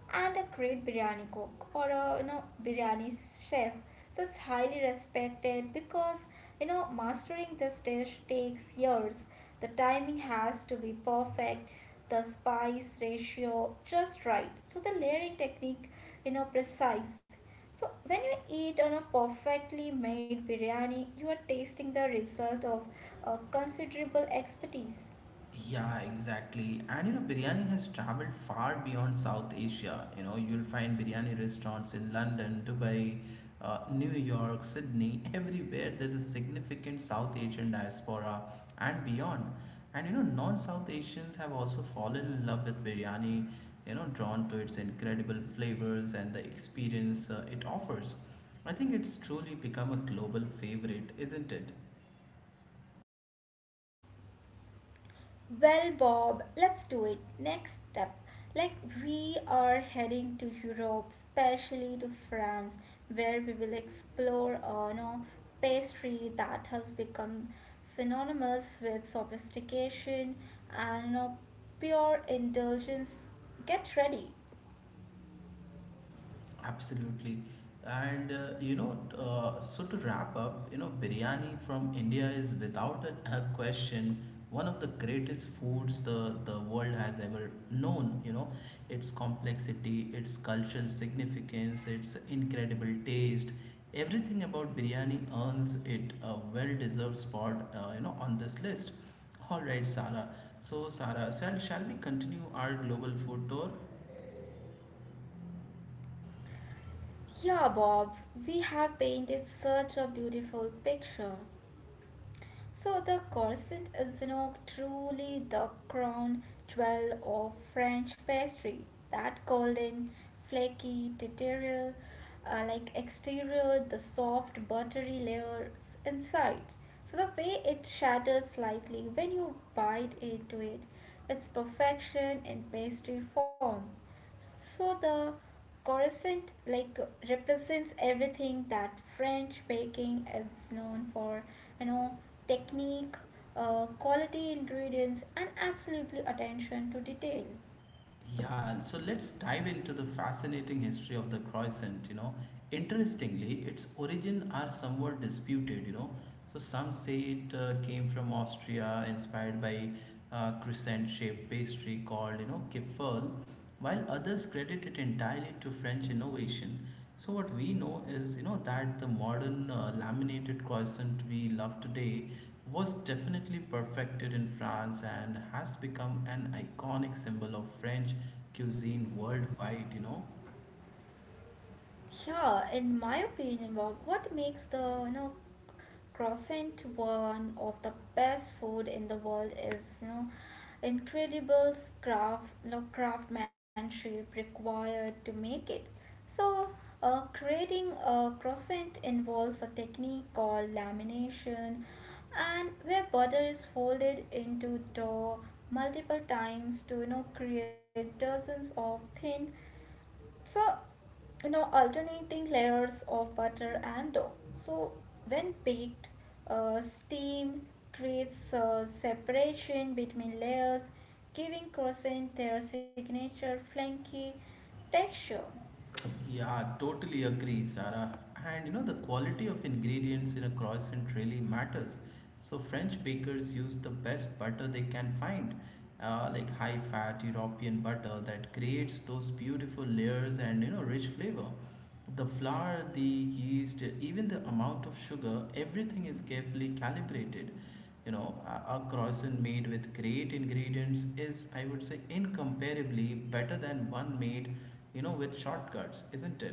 B: and a great biryani cook or a you know biryani chef. So it's highly respected because you know mastering this dish takes years. The timing has to be perfect, the spice ratio just right, so the layering technique you know precise. So when you eat on a perfectly made biryani, you are tasting the result of a considerable expertise.
A: Yeah, exactly. And you know, biryani has traveled far beyond South Asia. You know, you'll find biryani restaurants in London, Dubai, New York, Sydney, everywhere. There's a significant South Asian diaspora and beyond. And you know, non South Asians have also fallen in love with biryani, you know, drawn to its incredible flavors and the experience it offers. I think it's truly become a global favorite, isn't it?
B: Well, Bob, let's do it. Next step. Like we are heading to Europe, especially to France, where we will explore a you know, pastry that has become synonymous with sophistication and you know, pure indulgence. Get ready.
A: Absolutely. And so to wrap up, you know, biryani from India is without a question one of the greatest foods the world has ever known. You know, its complexity, its cultural significance, its incredible taste, everything about biryani earns it a well deserved spot, you know, on this list. All right, Sarah. So, Sarah, shall we continue our global food tour?
B: Yeah, Bob, we have painted such a beautiful picture. So the corset is, you know, truly the crown jewel of French pastry. That golden, flaky, tutorial, like exterior, the soft, buttery layers inside. So the way it shatters slightly when you bite into it, it's perfection in pastry form. So the corset like represents everything that French baking is known for, you know, technique, quality ingredients, and absolutely attention to detail.
A: Yeah, so let's dive into the fascinating history of the croissant, you know. Interestingly, its origin are somewhat disputed, you know. So some say it came from Austria, inspired by crescent-shaped pastry called, you know, kipferl, while others credit it entirely to French innovation. So what we know is, you know, that the modern laminated croissant we love today was definitely perfected in France and has become an iconic symbol of French cuisine worldwide, you know.
B: Yeah, in my opinion, Bob, what makes the you know croissant one of the best food in the world is you know incredible craft you know, craftsmanship required to make it. So, creating a croissant involves a technique called lamination, and where butter is folded into dough multiple times to you know create dozens of thin, so you know alternating layers of butter and dough. So when baked, steam creates a separation between layers, giving croissants their signature flaky texture.
A: Yeah, totally agree, Sarah. And you know, the quality of ingredients in a croissant really matters. So, French bakers use the best butter they can find, like high fat European butter that creates those beautiful layers and you know, rich flavor. The flour, the yeast, even the amount of sugar, everything is carefully calibrated. You know, a croissant made with great ingredients is, I would say, incomparably better than one made, you know, with shortcuts, isn't it?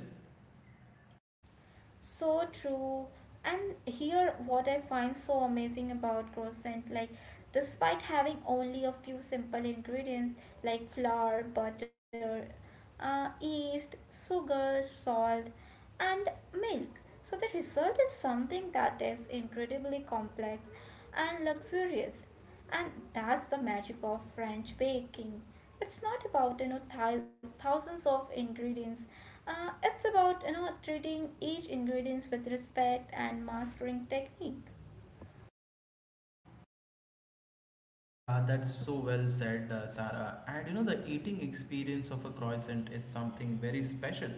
B: So true. And here, what I find so amazing about croissant, like, despite having only a few simple ingredients like flour, butter, yeast, sugar, salt, and milk, so the result is something that is incredibly complex and luxurious. And that's the magic of french baking. It's not about you know thousands of ingredients, it's about you know treating each ingredients with respect and mastering technique.
A: Yeah, that's so well said, Sarah. And you know, the eating experience of a croissant is something very special.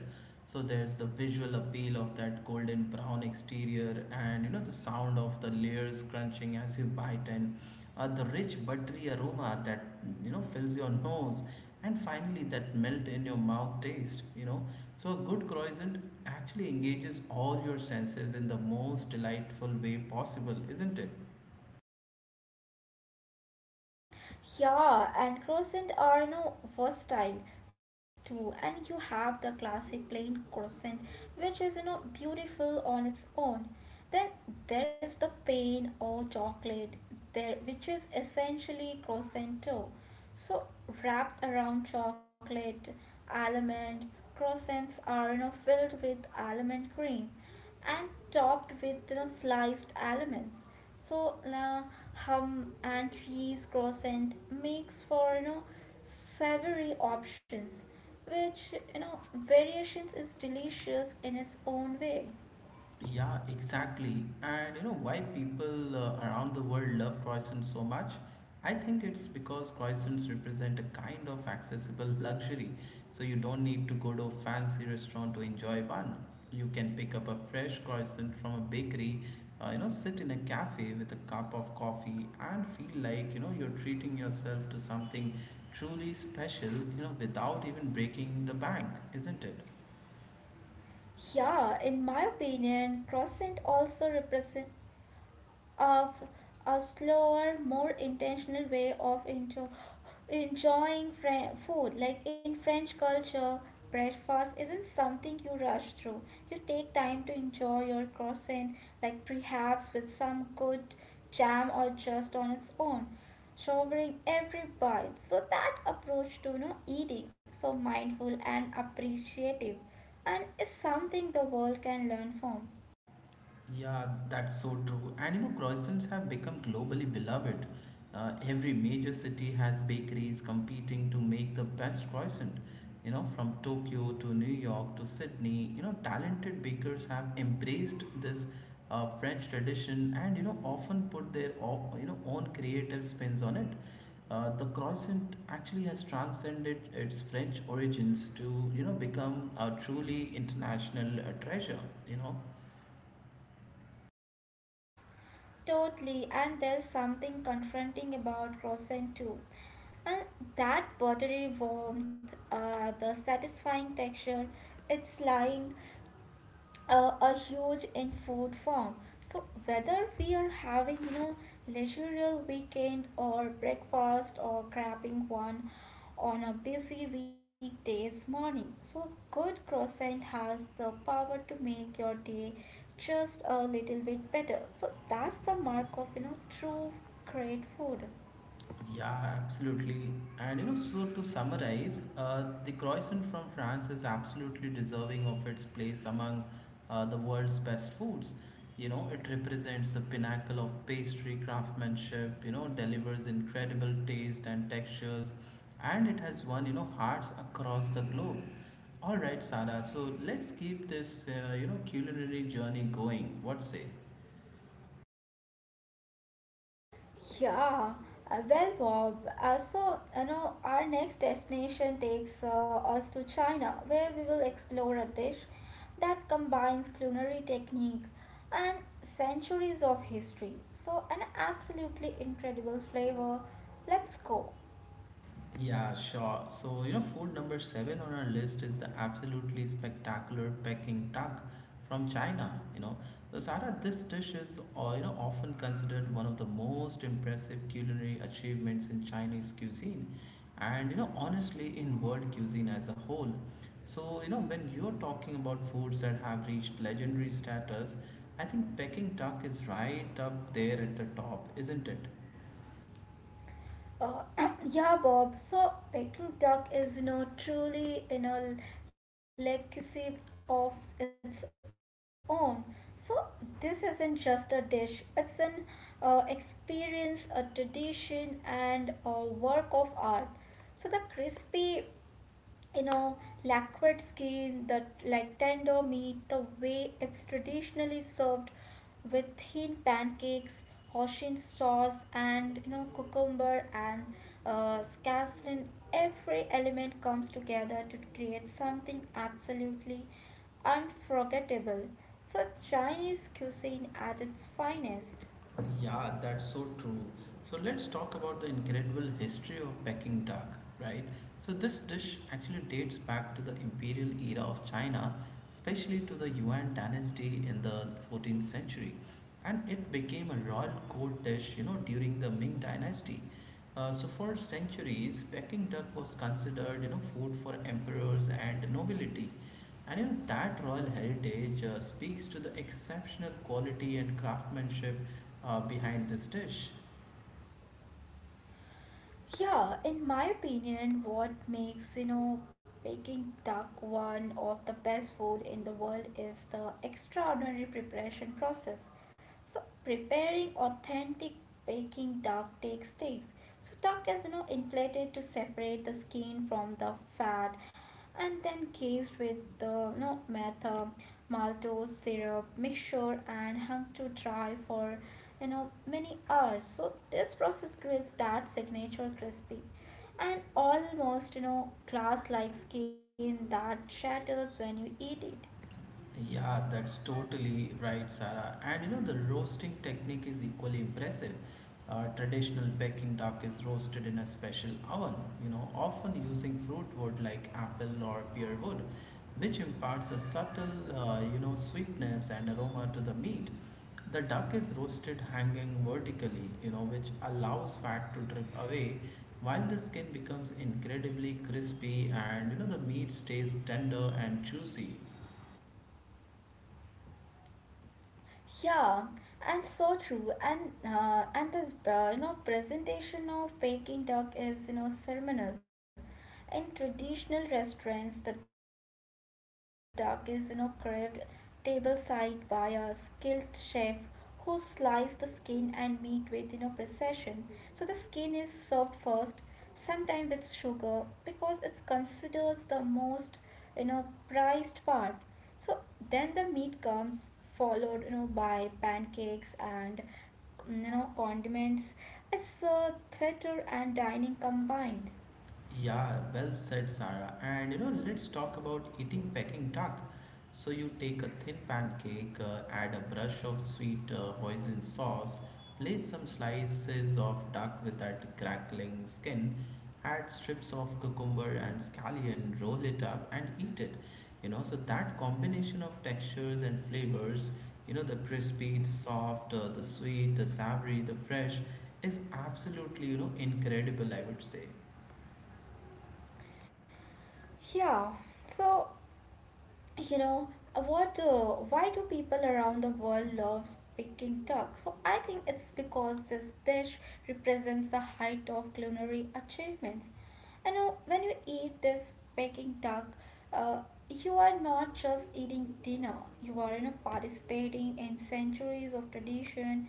A: So there's the visual appeal of that golden brown exterior, and you know, the sound of the layers crunching as you bite, and the rich buttery aroma that you know fills your nose, and finally that melt in your mouth taste. You know, so a good croissant actually engages all your senses in the most delightful way possible, isn't it?
B: Yeah, and crescent are now versatile too. And you have the classic plain crescent, which is you know beautiful on its own. Then there's the pain or chocolate there, which is essentially crescent too. So wrapped around chocolate, almond, croissants are you know filled with almond cream and topped with you know, sliced almonds. So hum and cheese croissant makes for you know savory options, which you know variations is delicious in its own way.
A: Yeah, exactly. And you know why people around the world love croissants so much? I think it's because croissants represent a kind of accessible luxury. So you don't need to go to a fancy restaurant to enjoy one. You can pick up a fresh croissant from a bakery, you know, sit in a cafe with a cup of coffee and feel like, you know, you're treating yourself to something truly special, you know, without even breaking the bank, isn't it?
B: Yeah, in my opinion, croissant also represent of a slower, more intentional way of enjoying food. Like in French culture, breakfast isn't something you rush through. You take time to enjoy your croissant, like perhaps with some good jam or just on its own, savoring every bite. So that approach to you know, eating, so mindful and appreciative, and is something the world can learn from.
A: Yeah, that's so true. And you know, croissants have become globally beloved. Every major city has bakeries competing to make the best croissant. You know, from Tokyo to New York to Sydney, you know, talented bakers have embraced this French tradition and you know often put their you know own creative spins on it. The croissant actually has transcended its French origins to you know become a truly international treasure. You know.
B: Totally, and there's something confronting about croissant too. And that buttery warmth, the satisfying texture, it's lying a huge in food form. So whether we are having leisurely weekend or breakfast or grabbing one on a busy weekdays morning, so good croissant has the power to make your day just a little bit better. So that's the mark of true great food.
A: Yeah, absolutely. And you know, so to summarize, the croissant from France is absolutely deserving of its place among the world's best foods. You know, it represents the pinnacle of pastry craftsmanship, you know, delivers incredible taste and textures, and it has won, you know, hearts across the globe. All right, Sarah, so let's keep this, you know, culinary journey going. What say?
B: Yeah, well, Bob, so our next destination takes us to China, where we will explore a dish that combines culinary technique and centuries of history. So, an absolutely incredible flavor. Let's go.
A: Yeah, sure. So, you know, food number seven on our list is the absolutely spectacular Peking duck from China. You know, so Sarah, this dish is, you know, often considered one of the most impressive culinary achievements in Chinese cuisine, and you know, honestly, in world cuisine as a whole. So, you know, when you're talking about foods that have reached legendary status, I think Peking duck is right up there at the top, isn't it?
B: Uh, [CLEARS THROAT] yeah, Bob. So, Peking duck is, you know, truly in a legacy of its own. So, this isn't just a dish, it's an experience, a tradition, and a work of art. So, the crispy, you know lacquered skin, the like tender meat, the way it's traditionally served with thin pancakes, hoshin sauce, and cucumber and scallion. Every element comes together to create something absolutely unforgettable. So Chinese cuisine at its finest.
A: Yeah, that's so true. So let's talk about the incredible history of Peking duck, right? So this dish actually dates back to the imperial era of China, especially to the Yuan dynasty in the 14th century, and it became a royal court dish, you know, during the Ming dynasty. So for centuries, Peking duck was considered, you know, food for emperors and nobility. And you know that royal heritage speaks to the exceptional quality and craftsmanship behind this dish.
B: Yeah, in my opinion, what makes baking duck one of the best food in the world is the extraordinary preparation process. So preparing authentic baking duck takes days. So duck is inflated to separate the skin from the fat, and then cased with the method maltose syrup mixture and hung to dry for many hours. So this process creates that signature crispy and almost glass like skin that shatters when you eat it.
A: Yeah, that's totally right, Sarah. And you know, the roasting technique is equally impressive. Traditional Peking duck is roasted in a special oven, you know, often using fruit wood like apple or pear wood, which imparts a subtle, you know, sweetness and aroma to the meat. The duck is roasted hanging vertically, you know, which allows fat to drip away while the skin becomes incredibly crispy and you know the meat stays tender and juicy.
B: Yeah, and so true. And and this, you know, presentation of baking duck is, you know, ceremonial. In traditional restaurants, the duck is, carved tableside by a skilled chef who slices the skin and meat with, precision. So the skin is served first, sometimes with sugar, because it's considered the most, prized part. So then the meat comes, followed, by pancakes and, condiments. It's a theater and dining combined.
A: Yeah, well said, Sarah. And you know, let's talk about eating Peking duck. So you take a thin pancake, add a brush of sweet hoisin sauce, place some slices of duck with that crackling skin, add strips of cucumber and scallion, roll it up and eat it. You know, so that combination of textures and flavors, you know, the crispy, the soft, the sweet, the savory, the fresh, is absolutely, you know, incredible, I would say.
B: Yeah. So, you know, what, why do people around the world love picking duck? So, I think it's because this dish represents the height of culinary achievements. I know, when you eat this Peking duck, uh, you are not just eating dinner, you are, you know, participating in centuries of tradition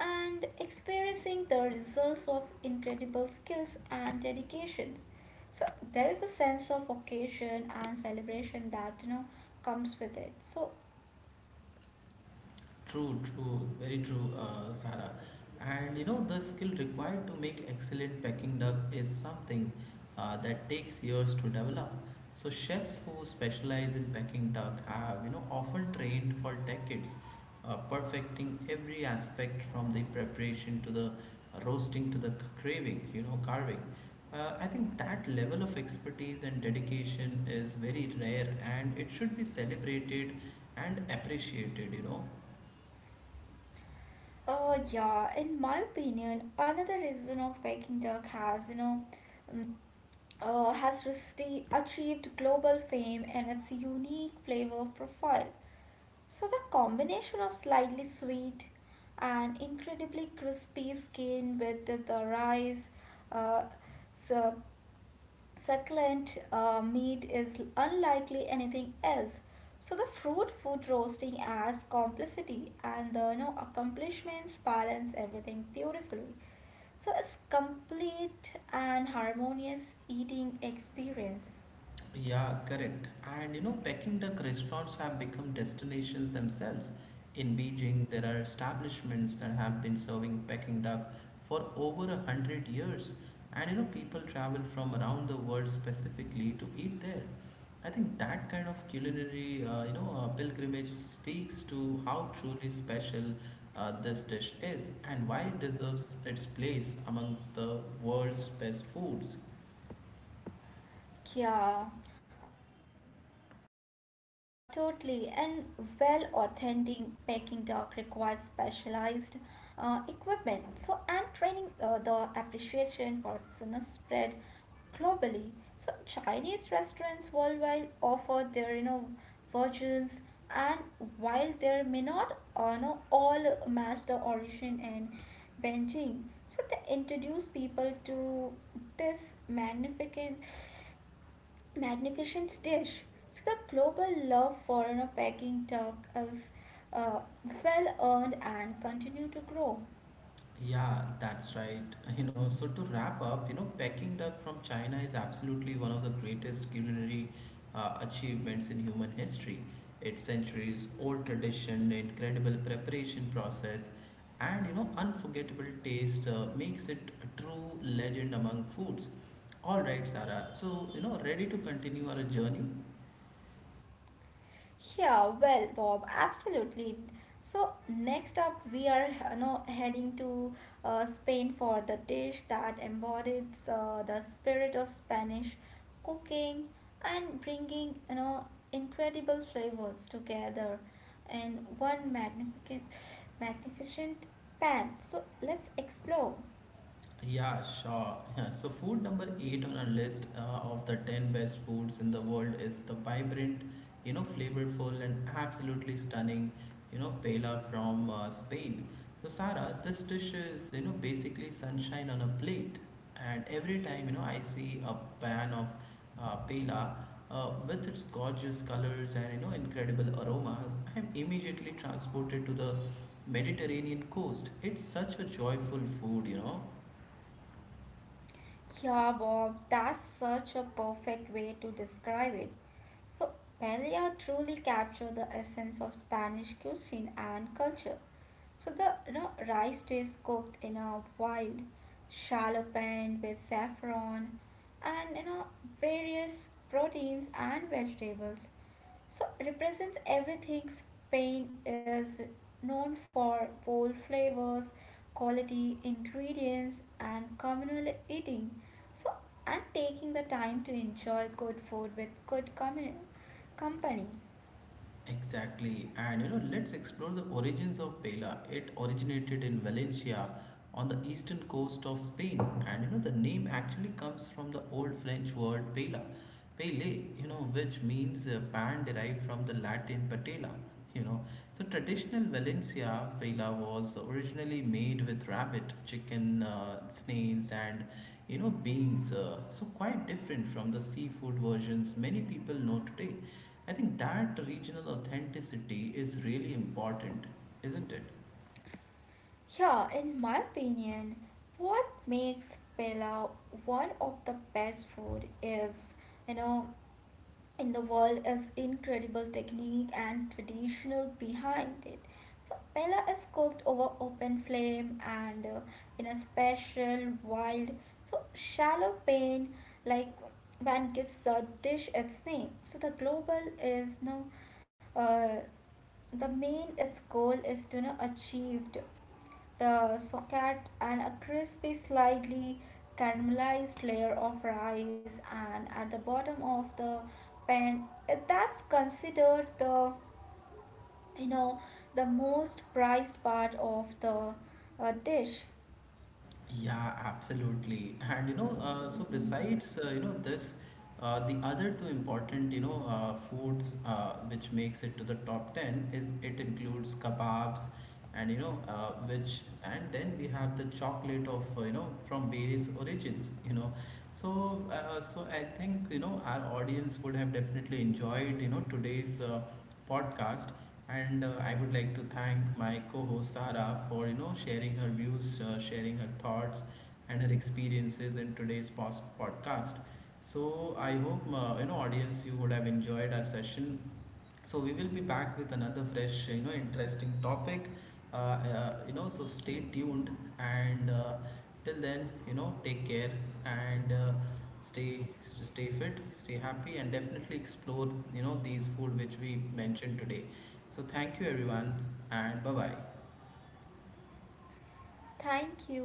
B: and experiencing the results of incredible skills and dedications. So there is a sense of occasion and celebration that, comes with it. So
A: True, true, very true, Sarah. And you know, the skill required to make excellent Peking duck is something that takes years to develop. So chefs who specialize in Peking duck have, you know, often trained for decades, perfecting every aspect from the preparation to the roasting to the craving, you know, carving. I think that level of expertise and dedication is very rare, and it should be celebrated and appreciated. You know.
B: yeah, in my opinion, another reason of Peking duck has, um, achieved global fame and its unique flavor profile. So, the combination of slightly sweet and incredibly crispy skin with the rice, uh, so succulent meat is unlikely anything else. So the fruit food roasting adds complexity, and the, you know, accomplishments balance everything beautifully. So it's complete and harmonious eating experience.
A: Yeah, correct. And you know, Peking duck restaurants have become destinations themselves. In Beijing, there are establishments that have been serving Peking duck for over a hundred years. And you know, people travel from around the world specifically to eat there. I think that kind of culinary, pilgrimage speaks to how truly special this dish is and why it deserves its place amongst the world's best foods.
B: Yeah, totally. And well, authentic Peking duck requires specialized equipment. So, and training, the appreciation for tuna spread globally. So, Chinese restaurants worldwide offer their, versions, and while there may not, know, all match the origin in Beijing, so they introduce people to this magnificent dish. So the global love for, you know, baking talk is, uh, well earned and continue to grow.
A: Yeah, that's right. You know, so to wrap up, you know, Peking duck from China is absolutely one of the greatest culinary achievements in human history. Its centuries old tradition, incredible preparation process, and you know, unforgettable taste makes it a true legend among foods. All right, Sarah. So, you know, ready to continue our journey?
B: Yeah, well, Bob, absolutely. So next up, we are, you know, heading to Spain for the dish that embodies the spirit of Spanish cooking and bringing, incredible flavors together in one magnificent pan. So let's explore.
A: Yeah, sure. Yeah. So, food number eight on our list of the 10 best foods in the world is the vibrant, you know, flavorful, and absolutely stunning, you know, paella from Spain. So, Sarah, this dish is, you know, basically sunshine on a plate. And every time, you know, I see a pan of paella with its gorgeous colors and, you know, incredible aromas, I am immediately transported to the Mediterranean coast. It's such a joyful food, you know.
B: Yeah, Bob, that's such a perfect way to describe it. So, Paella truly captured the essence of Spanish cuisine and culture. So, the, you know, rice is cooked in a wild, shallow pan with saffron and, various proteins and vegetables. So represents everything Spain is known for: bold flavors, quality ingredients, and communal eating. So and taking the time to enjoy good food with good company.
A: Exactly, and you know, let's explore the origins of Pela. It originated in Valencia on the eastern coast of Spain, and you know, the name actually comes from the old French word pela, pele, you know, which means a pan derived from the Latin patella, you know. So traditional valencia paella was originally made with rabbit chicken, snails and you know beans, so quite different from the seafood versions many people know today. I think that regional authenticity is really important, isn't it?
B: Yeah, in my opinion, what makes Pella one of the best food is, you know, in the world is incredible technique and traditional behind it. So Pella is cooked over open flame and, in a special wild, so shallow pan, like one gives the dish its name. So the global is no, uh, the main its goal is to, you know, achieved socket and a crispy, slightly caramelized layer of rice, and at the bottom of the pan, that's considered the, you know the most prized part of the dish.
A: Yeah, absolutely. And you know, so besides you know this, the other two important you know foods which makes it to the top ten is it includes kebabs, and you know which and then we have the chocolate of you know from various origins. You know, so so I think you know our audience would have definitely enjoyed you know today's podcast and I would like to thank my co-host Sara for you know sharing her views, sharing her thoughts, and her experiences in today's podcast. So I hope you know audience you would have enjoyed our session, so we will be back with another fresh, you know, interesting topic. You know, so stay tuned and till then, you know, take care and stay fit, stay happy, and definitely explore, you know, these food which we mentioned today. So thank you everyone and bye bye.
B: Thank you.